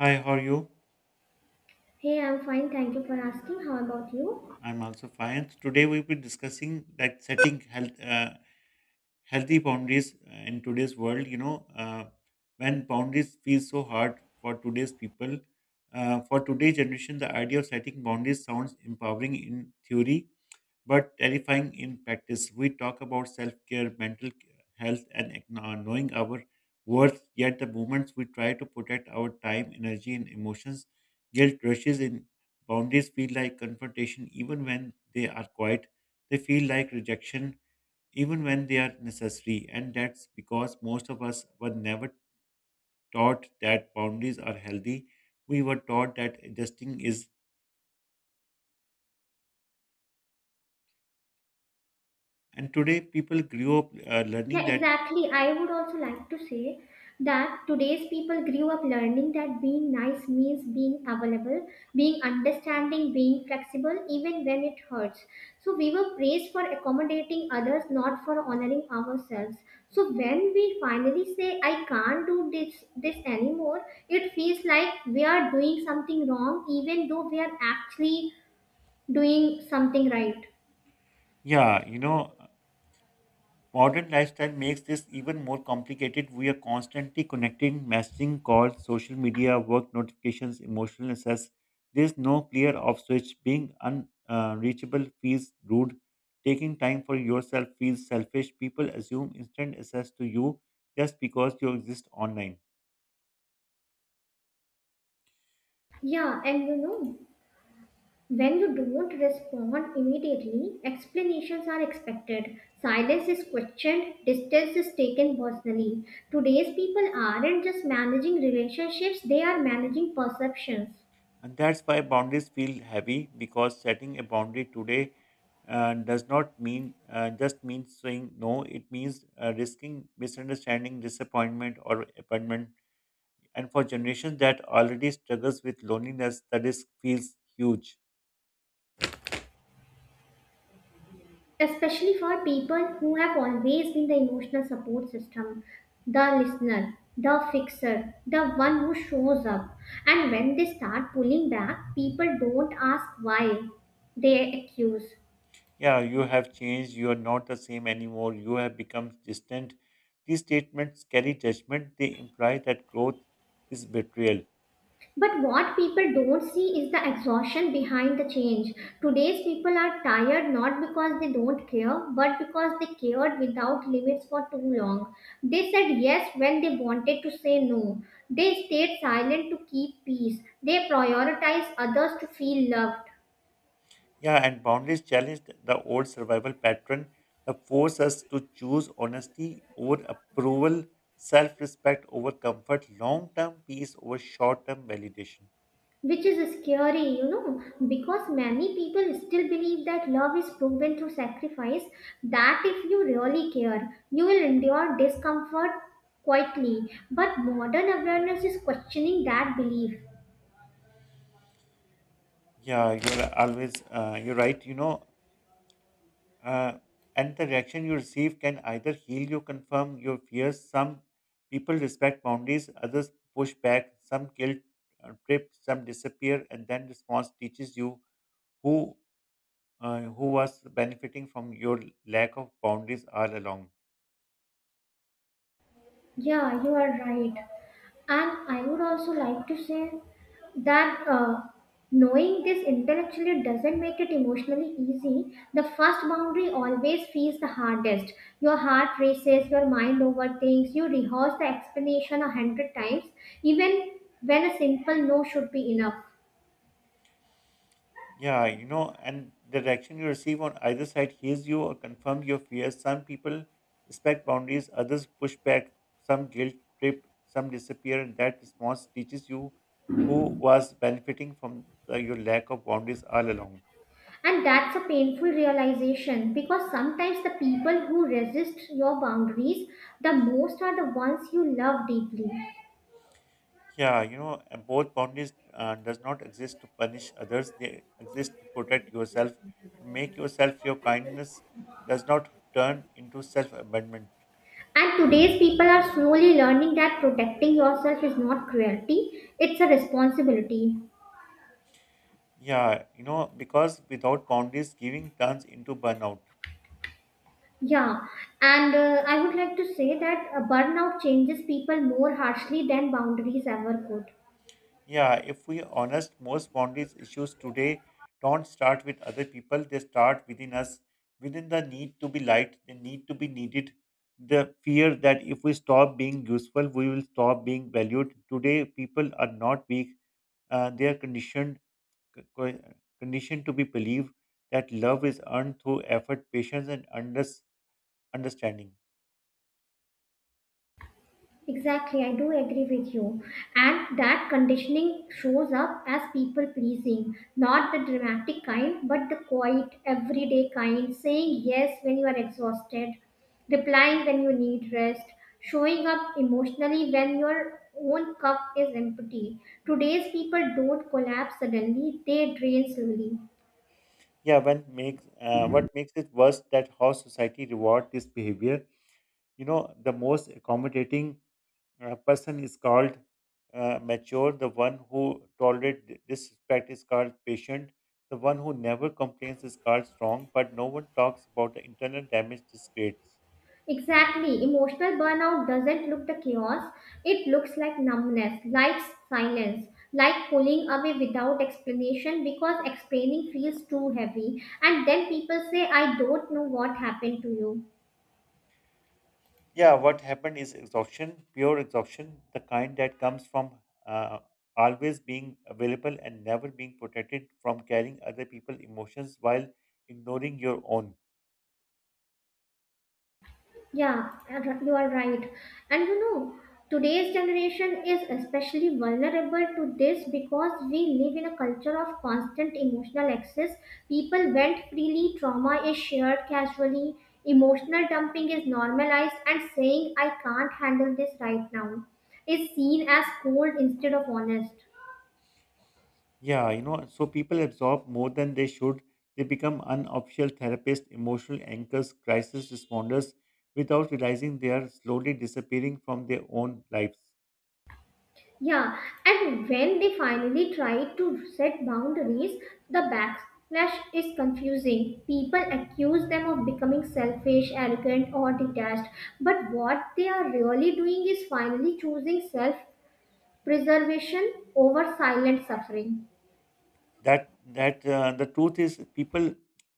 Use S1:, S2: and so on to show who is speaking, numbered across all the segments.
S1: Hi, how are you?
S2: Hey, I'm fine. Thank you for asking. How about you?
S1: I'm also fine. Today we'll be discussing like setting health, healthy boundaries in today's world. When boundaries feel so hard for today's people, for today's generation, the idea of setting boundaries sounds empowering in theory, but terrifying in practice. We talk about self care, mental health, and knowing our worth, yet, the moments we try to protect our time, energy, and emotions, guilt rushes in. Boundaries feel like confrontation even when they are quiet, they feel like rejection even when they are necessary, and that's because most of us were never taught that boundaries are healthy. We were taught that adjusting is, and today people grew up learning
S2: Yeah,
S1: that.
S2: exactly. I would also like to say that today's people grew up learning that being nice means being available, being understanding, being flexible, even when it hurts. So we were praised for accommodating others, not for honoring ourselves. So when we finally say, I can't do this anymore, it feels like we are doing something wrong, even though we are actually doing something right.
S1: Yeah, you know, modern lifestyle makes this even more complicated. We are constantly connecting, messaging, calls, social media, work notifications, emotional access. There's no clear off switch. Being unreachable feels rude. Taking time for yourself feels selfish. People assume instant access to you just because you exist online.
S2: Yeah, and you know, when you don't respond immediately, explanations are expected. Silence is questioned, distance is taken personally. Today's people aren't just managing relationships, they are managing perceptions.
S1: And that's why boundaries feel heavy because setting a boundary today does not mean just means saying no. It means risking misunderstanding, disappointment, or abandonment. And for generations that already struggles with loneliness, the risk feels huge.
S2: Especially for people who have always been the emotional support system, the listener, the fixer, the one who shows up. And when they start pulling back, people don't ask why, they accuse.
S1: Yeah, you have changed. You are not the same anymore. You have become distant. These statements carry judgment. They imply that growth is betrayal.
S2: But what people don't see is the exhaustion behind the change. Today's people are tired not because they don't care, but because they cared without limits for too long. They said yes when they wanted to say no. They stayed silent to keep peace. They prioritized others to feel loved.
S1: Yeah, and boundaries challenge the old survival pattern that force us to choose honesty over approval, self respect over comfort, long term peace over short term validation.
S2: Which is scary, you know, because many people still believe that love is proven through sacrifice, that if you really care, you will endure discomfort quietly. But modern awareness is questioning that belief.
S1: Yeah, you're right. Uh, and the reaction you receive can either heal you, confirm your fears. Some people respect boundaries, others push back. Some guilt trip, some disappear, and then response teaches you who who was benefiting from your lack of boundaries all along.
S2: Yeah, you are right. And I would also like to say that knowing this intellectually doesn't make it emotionally easy. The first boundary always feels the hardest. Your heart races, your mind overthinks, you rehearse the explanation a hundred times, even when a simple no should be enough.
S1: Yeah, you know, and the reaction you receive on either side heals you or confirms your fears. Some people respect boundaries, others push back, some guilt trip, some disappear, and that response teaches you who was benefiting from your lack of boundaries all along.
S2: And that's a painful realization because sometimes the people who resist your boundaries the most are the ones you love deeply.
S1: Yeah, both boundaries does not exist to punish others. They exist to protect yourself, to make yourself your kindness does not turn into self abandonment.
S2: And today's people are slowly learning that protecting yourself is not cruelty, it's a responsibility.
S1: Yeah, you know, because without boundaries, giving turns into burnout.
S2: Yeah, and I would like to say that burnout changes people more harshly than boundaries ever could.
S1: Yeah, if we are honest, most boundaries issues today don't start with other people, they start within us, within the need to be liked, the need to be needed, the fear that if we stop being useful, we will stop being valued. Today, people are not weak, they are conditioned, c- co- conditioned to be believe that love is earned through effort, patience, and understanding.
S2: Exactly, I do agree with you. And that conditioning shows up as people pleasing, not the dramatic kind, but the quiet, everyday kind, saying yes when you are exhausted, replying when you need rest, showing up emotionally when your own cup is empty. Today's people don't collapse suddenly, they drain slowly.
S1: Yeah, when makes what makes it worse that how society reward this behavior, you know, the most accommodating person is called mature, the one who tolerates disrespect is called patient, the one who never complains is called strong, but no one talks about the internal damage this creates.
S2: Exactly. Emotional burnout doesn't look the chaos. It looks like numbness, like silence, like pulling away without explanation because explaining feels too heavy. And then people say, I don't know what happened to you.
S1: Yeah, what happened is exhaustion, pure exhaustion, the kind that comes from uh, always being available and never being protected, from carrying other people's emotions while ignoring your own.
S2: Yeah, you are right. And you know, today's generation is especially vulnerable to this because we live in a culture of constant emotional access. People vent freely, trauma is shared casually, emotional dumping is normalized, and saying, I can't handle this right now, is seen as cold instead of honest.
S1: Yeah, you know, so people absorb more than they should. They become unofficial therapists, emotional anchors, crisis responders, without realizing they are slowly disappearing from their own lives.
S2: Yeah, and when they finally try to set boundaries, the backlash is confusing. People accuse them of becoming selfish, arrogant, or detached, but what they are really doing is finally choosing self preservation over silent suffering.
S1: That that The truth is, people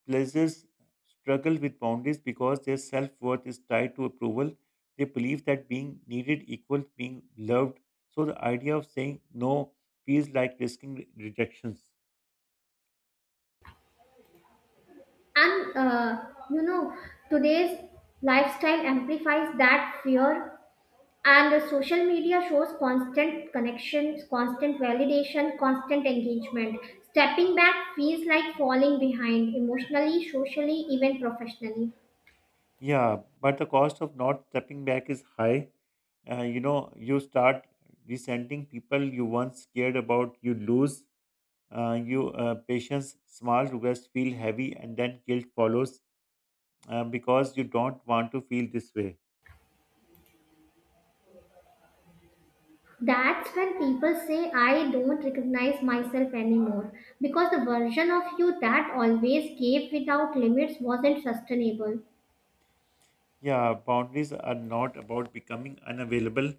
S1: pleasures struggle with boundaries because their self worth is tied to approval. They believe that being needed equals being loved. So the idea of saying no feels like rejections.
S2: And you know, today's lifestyle amplifies that fear. And the social media shows constant connections, constant validation, constant engagement. Stepping back feels like falling behind emotionally, socially, even professionally.
S1: Yeah, but the cost of not stepping back is high. You know, you start resenting people you once cared about. You patience. Small regrets feel heavy, and then guilt follows because you don't want to feel this way.
S2: That's when people say, I don't recognize myself anymore because the version of you that always gave without limits wasn't sustainable.
S1: Yeah, boundaries are not about becoming unavailable.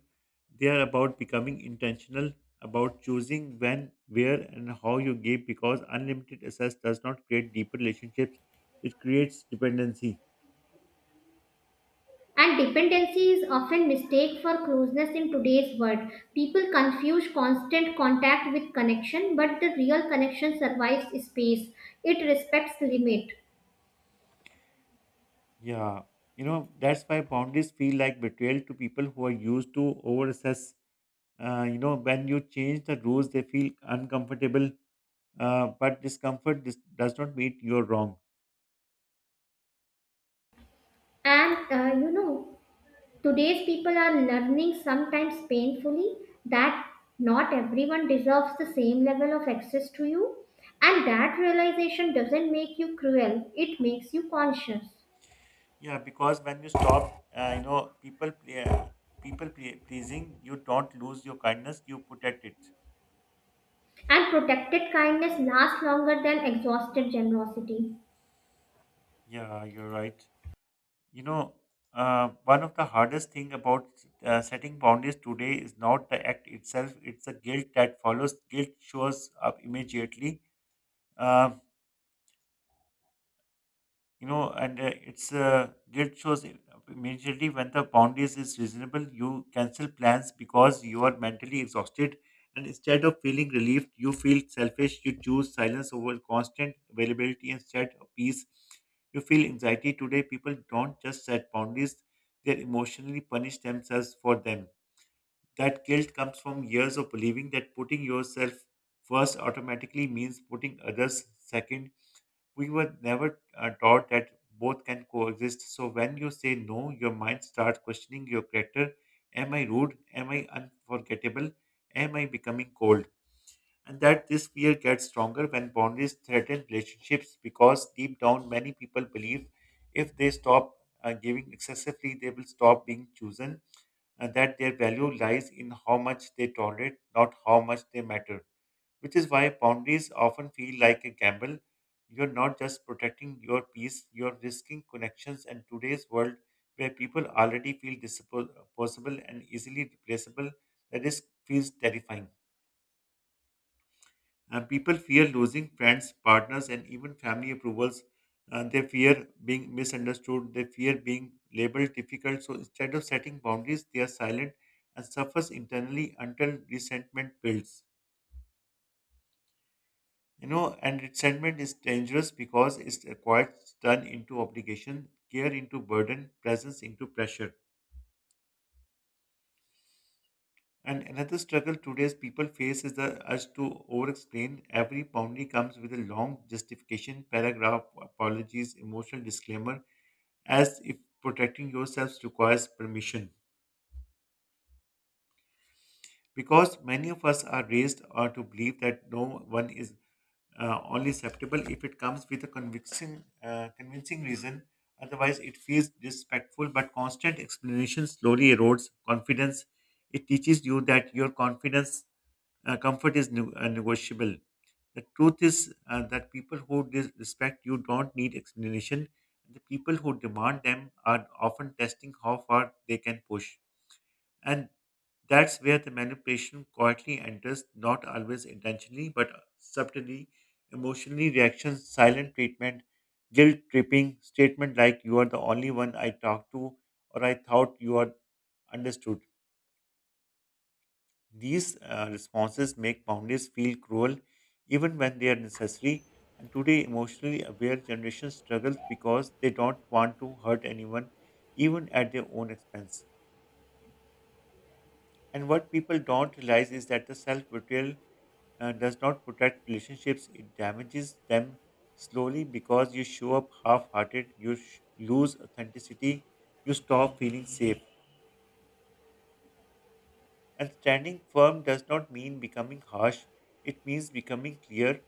S1: They are about becoming intentional, about choosing when, where, and how you give. Because unlimited access does not create deeper relationships; it creates dependency.
S2: And dependency is often mistaken for closeness in today's world. People confuse constant contact with connection, but the real connection survives space. It respects limit.
S1: Yeah, you know, that's why boundaries feel like betrayal to people who are used to overassess. You know, when you change the rules, they feel uncomfortable, but discomfort does not mean you're wrong.
S2: And you know, today's people are learning, sometimes painfully, that not everyone deserves the same level of access to you. And that realization doesn't make you cruel, it makes you conscious.
S1: Yeah, because when you stop, you know, pleasing, you don't lose your kindness, you protect it.
S2: And protected kindness lasts longer than exhausted generosity.
S1: Yeah, you're right. You know, One of the hardest thing about setting boundaries today is not the act itself; it's the guilt that follows. Guilt shows up immediately. Um you know and it's guilt shows I- Immediately when the boundaries is reasonable, you cancel plans because you are mentally exhausted, and instead of feeling relieved you feel selfish. You choose silence over constant availability. Instead of peace you feel anxiety. Today people don't just set boundaries, they emotionally punish themselves for them. That guilt comes from years of believing that putting yourself first automatically means putting others second. We were never taught that both can coexist. So when you say no, your mind starts questioning your character. Am I rude? Am I unforgettable? Am I becoming cold? And that this fear gets stronger when boundaries threaten relationships because deep down many people believe if they stop giving excessively, they will stop being chosen, and that their value lies in how much they tolerate, not how much they matter, which is why boundaries often feel like a gamble. You're not just protecting your peace, you're risking connections. And today's world, where people already feel disposable and easily replaceable, the risk feels terrifying. People fear losing friends, partners, and even family approvals. They fear being misunderstood. They fear being labeled difficult. So instead of setting boundaries, they are silent and suffers internally until resentment builds. You know, and resentment is dangerous because it requires turn into obligation, care into burden, presence into pressure. And another struggle today's people face is the urge to over-explain. Every boundary comes with a long justification, paragraph, apologies, emotional disclaimer, as if protecting yourselves requires permission, because many of us are raised to believe that no one is only acceptable if it comes with a convincing reason. Otherwise, it feels disrespectful. But constant explanation slowly erodes confidence. It teaches you that your confidence comfort is negotiable. The truth is that people who respect you don't need explanation. The people who demand them are often testing how far they can push. And that's where the manipulation quietly enters, not always intentionally, but subtly. Emotionally, reactions, silent treatment, guilt tripping, statement like, "You are the only one I talked to," or "I thought you are understood." These responses make boundaries feel cruel, even when they are necessary. And today, emotionally aware generation struggles because they don't want to hurt anyone, even at their own expense. And what people don't realize is that the self betrayal does not protect relationships, it damages them slowly because you show up half hearted, you lose authenticity, you stop feeling safe. And standing firm does not mean becoming harsh, it means becoming clear,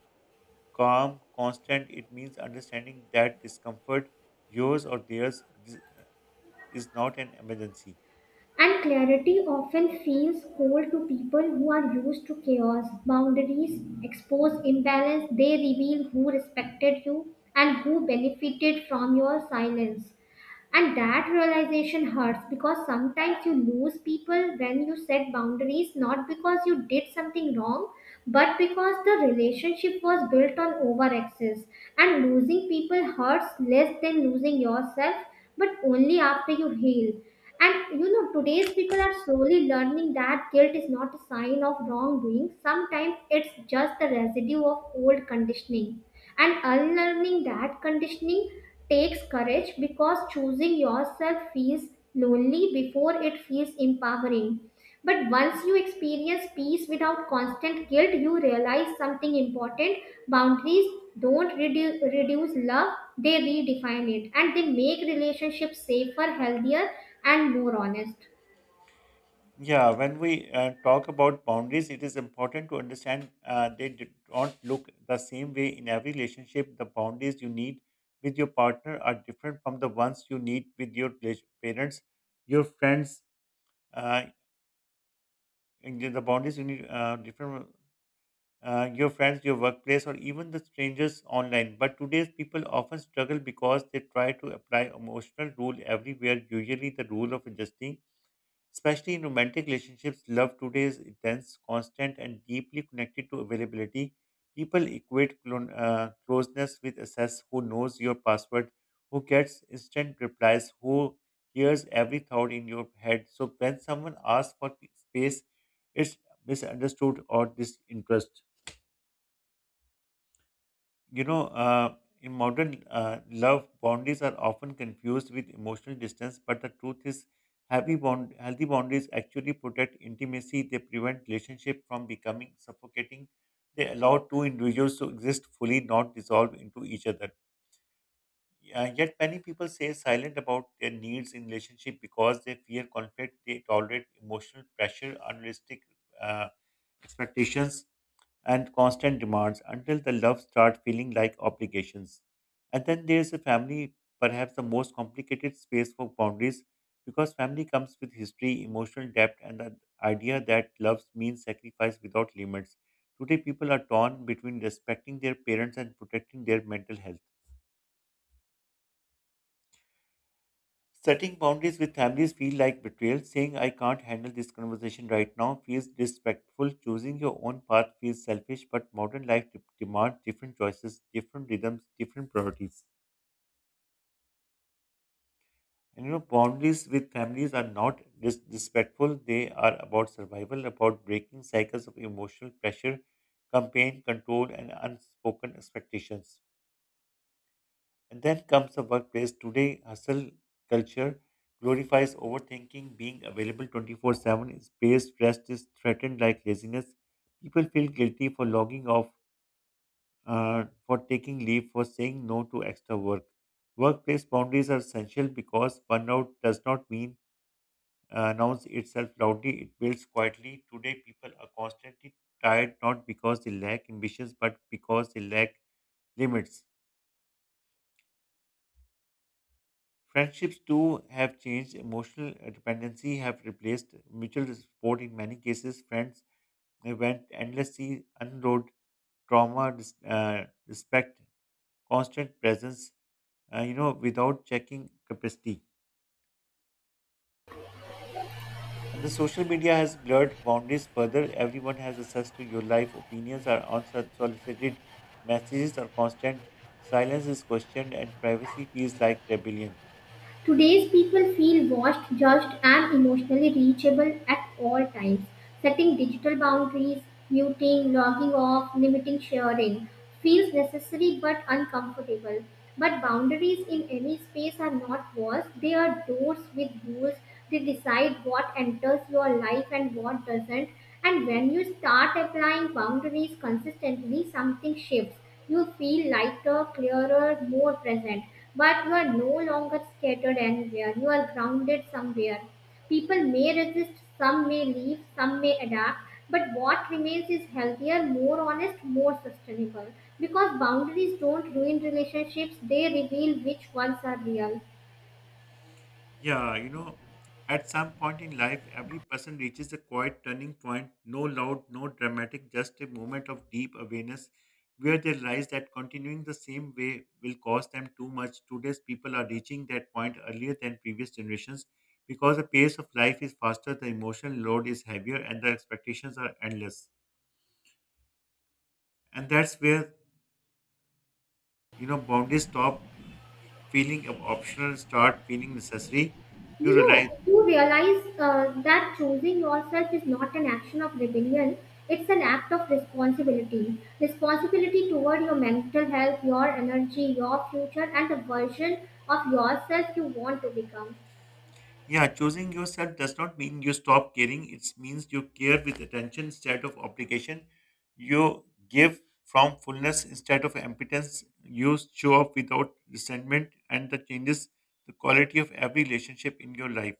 S1: calm, constant. It means understanding that discomfort, yours or theirs, is not an emergency.
S2: And clarity often feels cold to people who are used to chaos. Boundaries expose imbalance, they reveal who respected you and who benefited from your silence. And that realization hurts because sometimes you lose people when you set boundaries, not because you did something wrong, but because the relationship was built on over access. And losing people hurts less than losing yourself, but only after you heal. And you know, today's people are slowly learning that guilt is not a sign of wrongdoing. Sometimes it's just the residue of old conditioning. And unlearning that conditioning takes courage because choosing yourself feels lonely before it feels empowering. But once you experience peace without constant guilt, you realize something important. Boundaries don't reduce love, they redefine it, and they make relationships safer, healthier, and more honest.
S1: Yeah, when we talk about boundaries, it is important to understand they do not look the same way in every relationship. The boundaries you need with your partner are different from the ones you need with your parents, your friends. Uh, and the boundaries you need different your friends, your workplace, or even the strangers online. But today's people often struggle because they try to apply emotional rule everywhere. Usually, the rule of adjusting. Especially in romantic relationships, love today is intense, constant, and deeply connected to availability. People equate closeness with access, who knows your password, who gets instant replies, who hears every thought in your head. So when someone asks for space, it's misunderstood or disinterest. You know, uh, in modern love, boundaries are often confused with emotional distance, but the truth is, happy bond, healthy boundaries actually protect intimacy. They prevent relationship from becoming suffocating. They allow two individuals to exist fully, not dissolve into each other. Yet many people stay silent about their needs in relationship because they fear conflict. They tolerate emotional pressure, unrealistic uh, expectations, and constant demands until the love starts feeling like obligations. And then there is a family, perhaps the most complicated space for boundaries, because family comes with history, emotional depth, and the idea that love means sacrifice without limits. Today, people are torn between respecting their parents and protecting their mental health. Setting boundaries with families feel like betrayal. Saying "I can't handle this conversation right now" feels disrespectful. Choosing your own path feels selfish, but modern life demands different choices, different rhythms, different priorities. And you know, boundaries with families are not disrespectful. They are about survival, about breaking cycles of emotional pressure, campaign control, and unspoken expectations. And then comes the workplace. Today, hustle culture glorifies overthinking, being available 24/7. Is Space rest is threatened like laziness. People feel guilty for logging off, for taking leave, for saying no to extra work. Workplace boundaries are essential because burnout does not mean announce itself loudly, it builds quietly. Today, people are constantly tired not because they lack ambitions but because they lack limits. Friendships too have changed. Emotional dependency have replaced mutual support in many cases. Friends they went endlessly unload trauma, respect, constant presence, without checking capacity. And the social media has blurred boundaries further. Everyone has access to your life. Opinions are unsolicited. Messages are constant. Silence is questioned, and privacy feels like rebellion.
S2: Today's people feel watched, judged, and emotionally reachable at all times. Setting digital boundaries, muting, logging off, limiting sharing feels necessary but uncomfortable. But boundaries in any space are not walls, they are doors with rules. They decide what enters your life and what doesn't. And when you start applying boundaries consistently, something shifts. You feel lighter, clearer, more present, but you are no longer scattered anywhere. You are grounded somewhere. People may resist, some may leave, some may adapt, but what remains is healthier, more honest, more sustainable. Because boundaries don't ruin relationships, they reveal which ones are real.
S1: Yeah, you know, at some point in life, every person reaches a quiet turning point, no loud, no dramatic, just a moment of deep awareness where they realize that continuing the same way will cost them too much. Today's people are reaching that point earlier than previous generations because the pace of life is faster, the emotional load is heavier, and the expectations are endless. And that's where, you know, boundaries stop feeling of optional and start feeling necessary. You
S2: You
S1: realize.
S2: know, you realize that choosing yourself is not an action of rebellion, it's an act of responsibility. Responsibility toward your mental health, your energy, your future, and the version of yourself you want to become.
S1: Yeah, choosing yourself does not mean you stop caring. It means you care with attention instead of obligation. You give from fullness instead of impotence. You show up without resentment, and that changes the quality of every relationship in your life.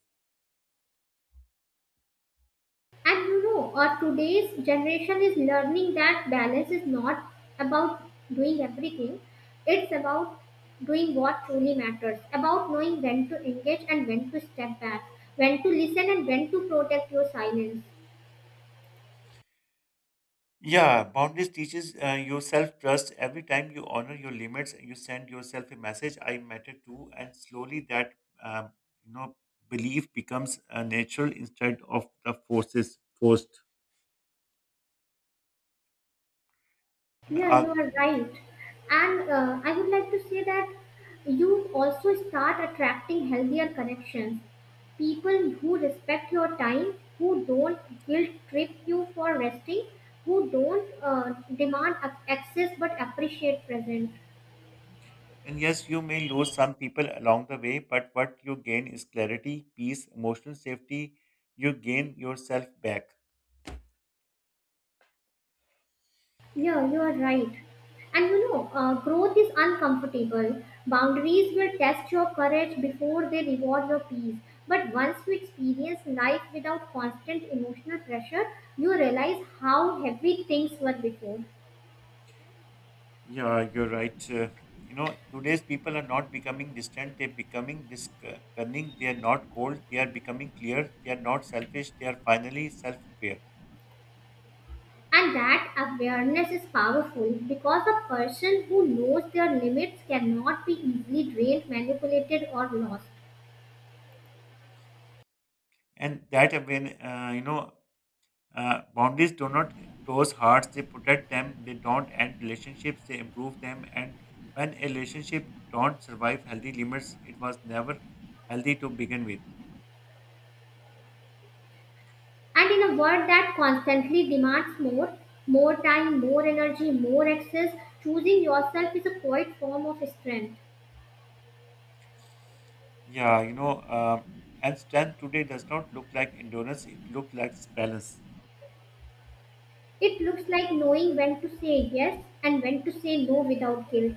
S2: And you know, today's generation is learning that balance is not about doing everything, it's about doing what truly matters, about knowing when to engage and when to step back, when to listen and when to protect your silence.
S1: Yeah, boundaries teaches you self trust. Every time you honor your limits, you send yourself a message: "I matter too." And slowly, that um, you know belief becomes natural instead of the forces forced. And
S2: Yeah,
S1: uh,
S2: you are right. And I would like to say that you also start attracting healthier connections. People who respect your time, who don't guilt trip you for resting, who don't demand access but appreciate presence.
S1: And yes, you may lose some people along the way, but what you gain is clarity, peace, emotional safety. You gain yourself back.
S2: Yeah, you are right. And you know, growth is uncomfortable. Boundaries will test your courage before they reward your peace. But once you experience life without constant emotional pressure, you realize how heavy things were before.
S1: Yeah, you're right. You know, today's people are not becoming distant, they're becoming discerning, they are not cold, they are becoming clear, they are not selfish, they are finally self aware.
S2: And that awareness is powerful because a person who knows their limits cannot be easily drained, manipulated, or lost.
S1: And that, again, boundaries do not close hearts, they protect them, they don't end relationships, they improve them. And when a relationship don't survive healthy limits, it was never healthy to begin with.
S2: And in a world that constantly demands more, more time, more energy, more access, choosing yourself is a quiet form of strength.
S1: Yeah, you know, and strength today does not look like endurance, it looks like balance.
S2: It looks like knowing when to say yes and when to say no without guilt.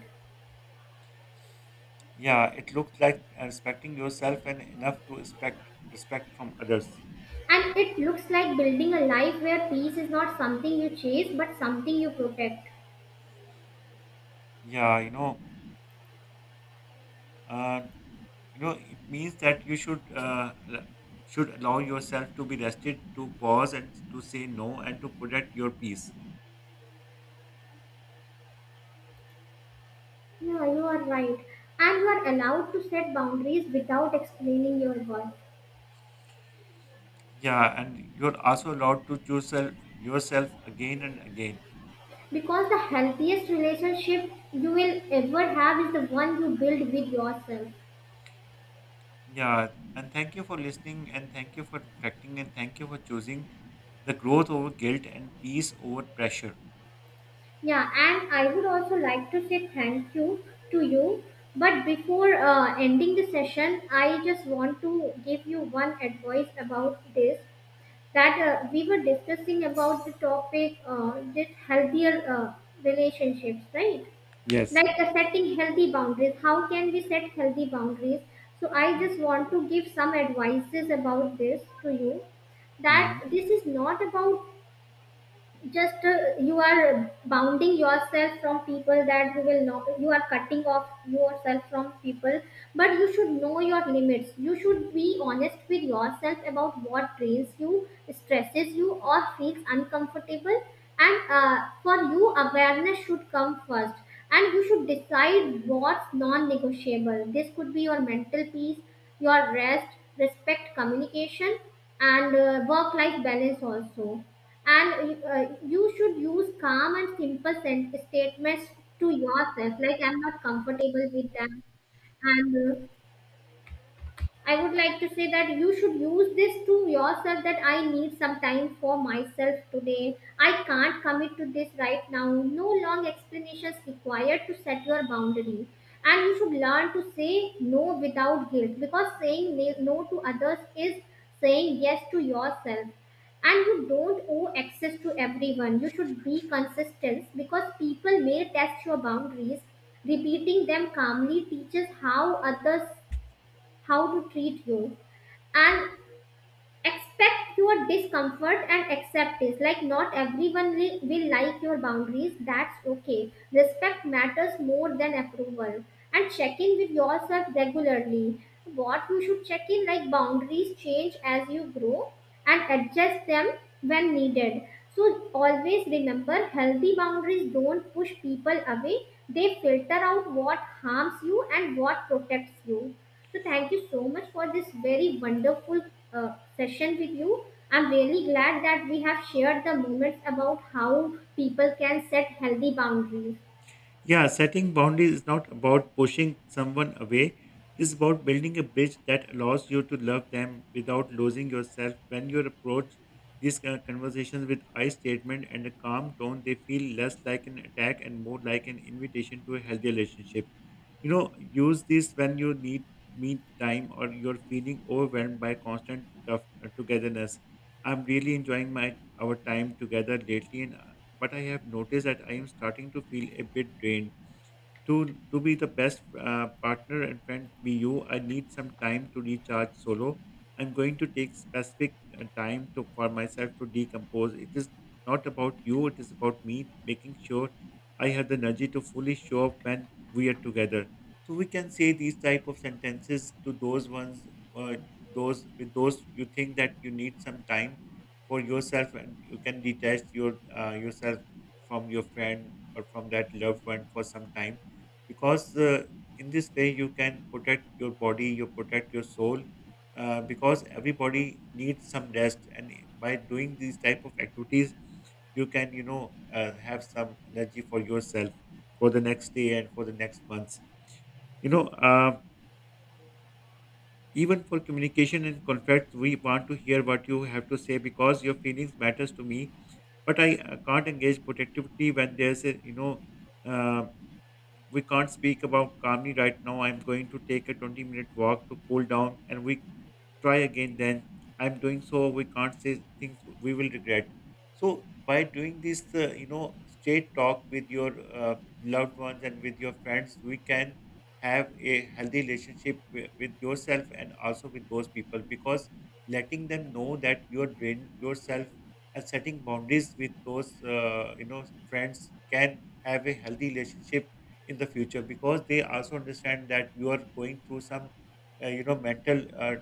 S1: Yeah, it looks like respecting yourself and enough to expect respect from others.
S2: And it looks like building a life where peace is not something you chase but something you protect.
S1: Yeah, you know, uh, it means that you should should allow yourself to be rested to pause and to say no and to protect your peace.
S2: Yeah, you are right. And you are allowed to set boundaries without explaining your worth.
S1: Yeah, and you're also allowed to choose yourself again and again.
S2: Because the healthiest relationship you will ever have is the one you build with yourself.
S1: Yeah, and thank you for listening and thank you for reflecting and thank you for choosing the growth over guilt and peace over pressure.
S2: Yeah, and I would also like to say thank you to you. But before ending the session, I just want to give you one advice about this, that we were discussing about the topic, this healthier relationships, right? Like setting healthy boundaries. How can we set healthy boundaries? So I just want to give some advices about this to you, that this is not about just you are bounding yourself from people, that you will not, you are cutting off yourself from people, but you should know your limits. You should be honest with yourself about what drains you, stresses you, or feels uncomfortable. And for you awareness should come first, and you should decide what's non-negotiable. This could be your mental peace, your rest, respect, communication, and work life balance also. And you should use calm and simple statements to yourself, like I'm not comfortable with that. And I would like to say that you should use this to yourself, that I need some time for myself today. I can't commit to this right now. No long explanations required to set your boundary. And you should learn to say no without guilt, because saying no to others is saying yes to yourself. And you don't owe access to everyone. You should be consistent, because people may test your boundaries. Repeating them calmly teaches how others, how to treat you. And expect your discomfort and accept it, like not everyone will like your boundaries. That's okay. Respect matters more than approval. And check in with yourself regularly. What you should check in, like boundaries change as you grow, and adjust them when needed. So always remember, healthy boundaries don't push people away, they filter out what harms you and what protects you. So thank you so much for this very wonderful session with you. I'm really glad that we have shared the moments about how people can set healthy boundaries.
S1: Yeah, setting boundaries is not about pushing someone away. It is about building a bridge that allows you to love them without losing yourself. When you approach these kind of conversations with I statement and a calm tone, they feel less like an attack and more like an invitation to a healthy relationship. You know, use this when you need me time or you're feeling overwhelmed by constant tough togetherness. I'm really enjoying my our time together lately, and but I have noticed that I am starting to feel a bit drained. To be the best partner and friend be you, I need some time to recharge solo. I'm going to take specific time for myself to decompose. It is not about you, it is about me making sure I have the energy to fully show up when we are together. So we can say these type of sentences to those ones, uh, those you think that you need some time for yourself and you can detach your yourself from your friend or from that loved one for some time because in this way you can protect your body you protect your soul, because everybody needs some rest and by doing these type of activities you can have some energy for yourself for the next day and for the next months, you know um, even for communication and conflicts we want to hear what you have to say because your feelings matters to me but I can't engage productivity when there's a uh, we can't speak about calmly right now. I'm going to take a 20-minute walk to cool down and we try again then. I'm doing so, we can't say things we will regret. So, by doing this, straight talk with your loved ones and with your friends, we can have a healthy relationship with yourself and also with those people because letting them know that you are drained yourself and setting boundaries with those, friends can have a healthy relationship in the future because they also understand that you are going through some mental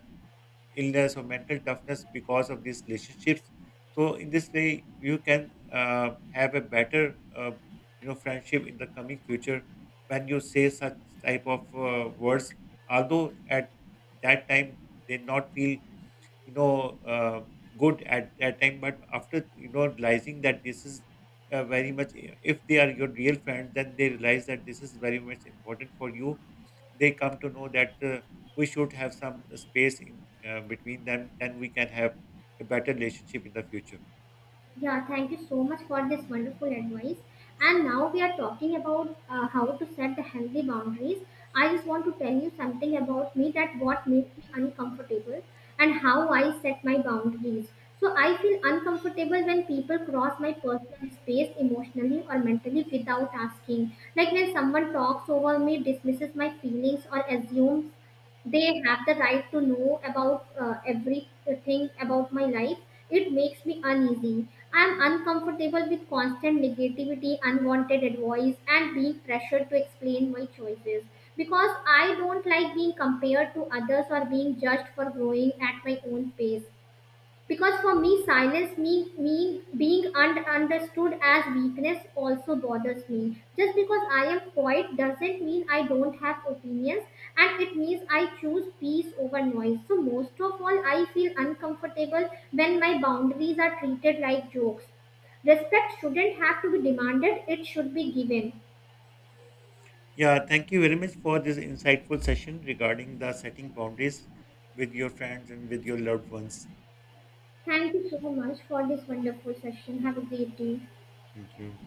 S1: illness or mental toughness because of these relationships. So in this way you can have a better, friendship in the coming future when you say such type of words, although at that time they not feel, you know uh, good at that time but after you know realizing that this is very much, if they are your real friends then they realize that this is very much important for you, they come to know that we should have some space in between them then we can have a better relationship in the future.
S2: Yeah, thank you so much for this wonderful advice. And now we are talking about how to set the healthy boundaries. I just want to tell you something about me, that what makes me uncomfortable and how I set my boundaries. So I feel uncomfortable when people cross my personal space emotionally or mentally without asking. Like when someone talks over me, dismisses my feelings, or assumes they have the right to know about everything about my life. It makes me uneasy. I'm uncomfortable with constant negativity, unwanted advice, and being pressured to explain my choices, because I don't like being compared to others or being judged for growing at my own pace. Because for me silence, me being understood as weakness also bothers me. Just because I am quiet doesn't mean I don't have opinions, and it means I choose peace over noise. So most of all, I feel uncomfortable when my boundaries are treated like jokes. Respect shouldn't have to be demanded, it should be given.
S1: Yeah, thank you very much for this insightful session regarding the setting boundaries with your friends and with your loved ones.
S2: Thank you so much for this wonderful session. Have a great day.
S1: Thank you.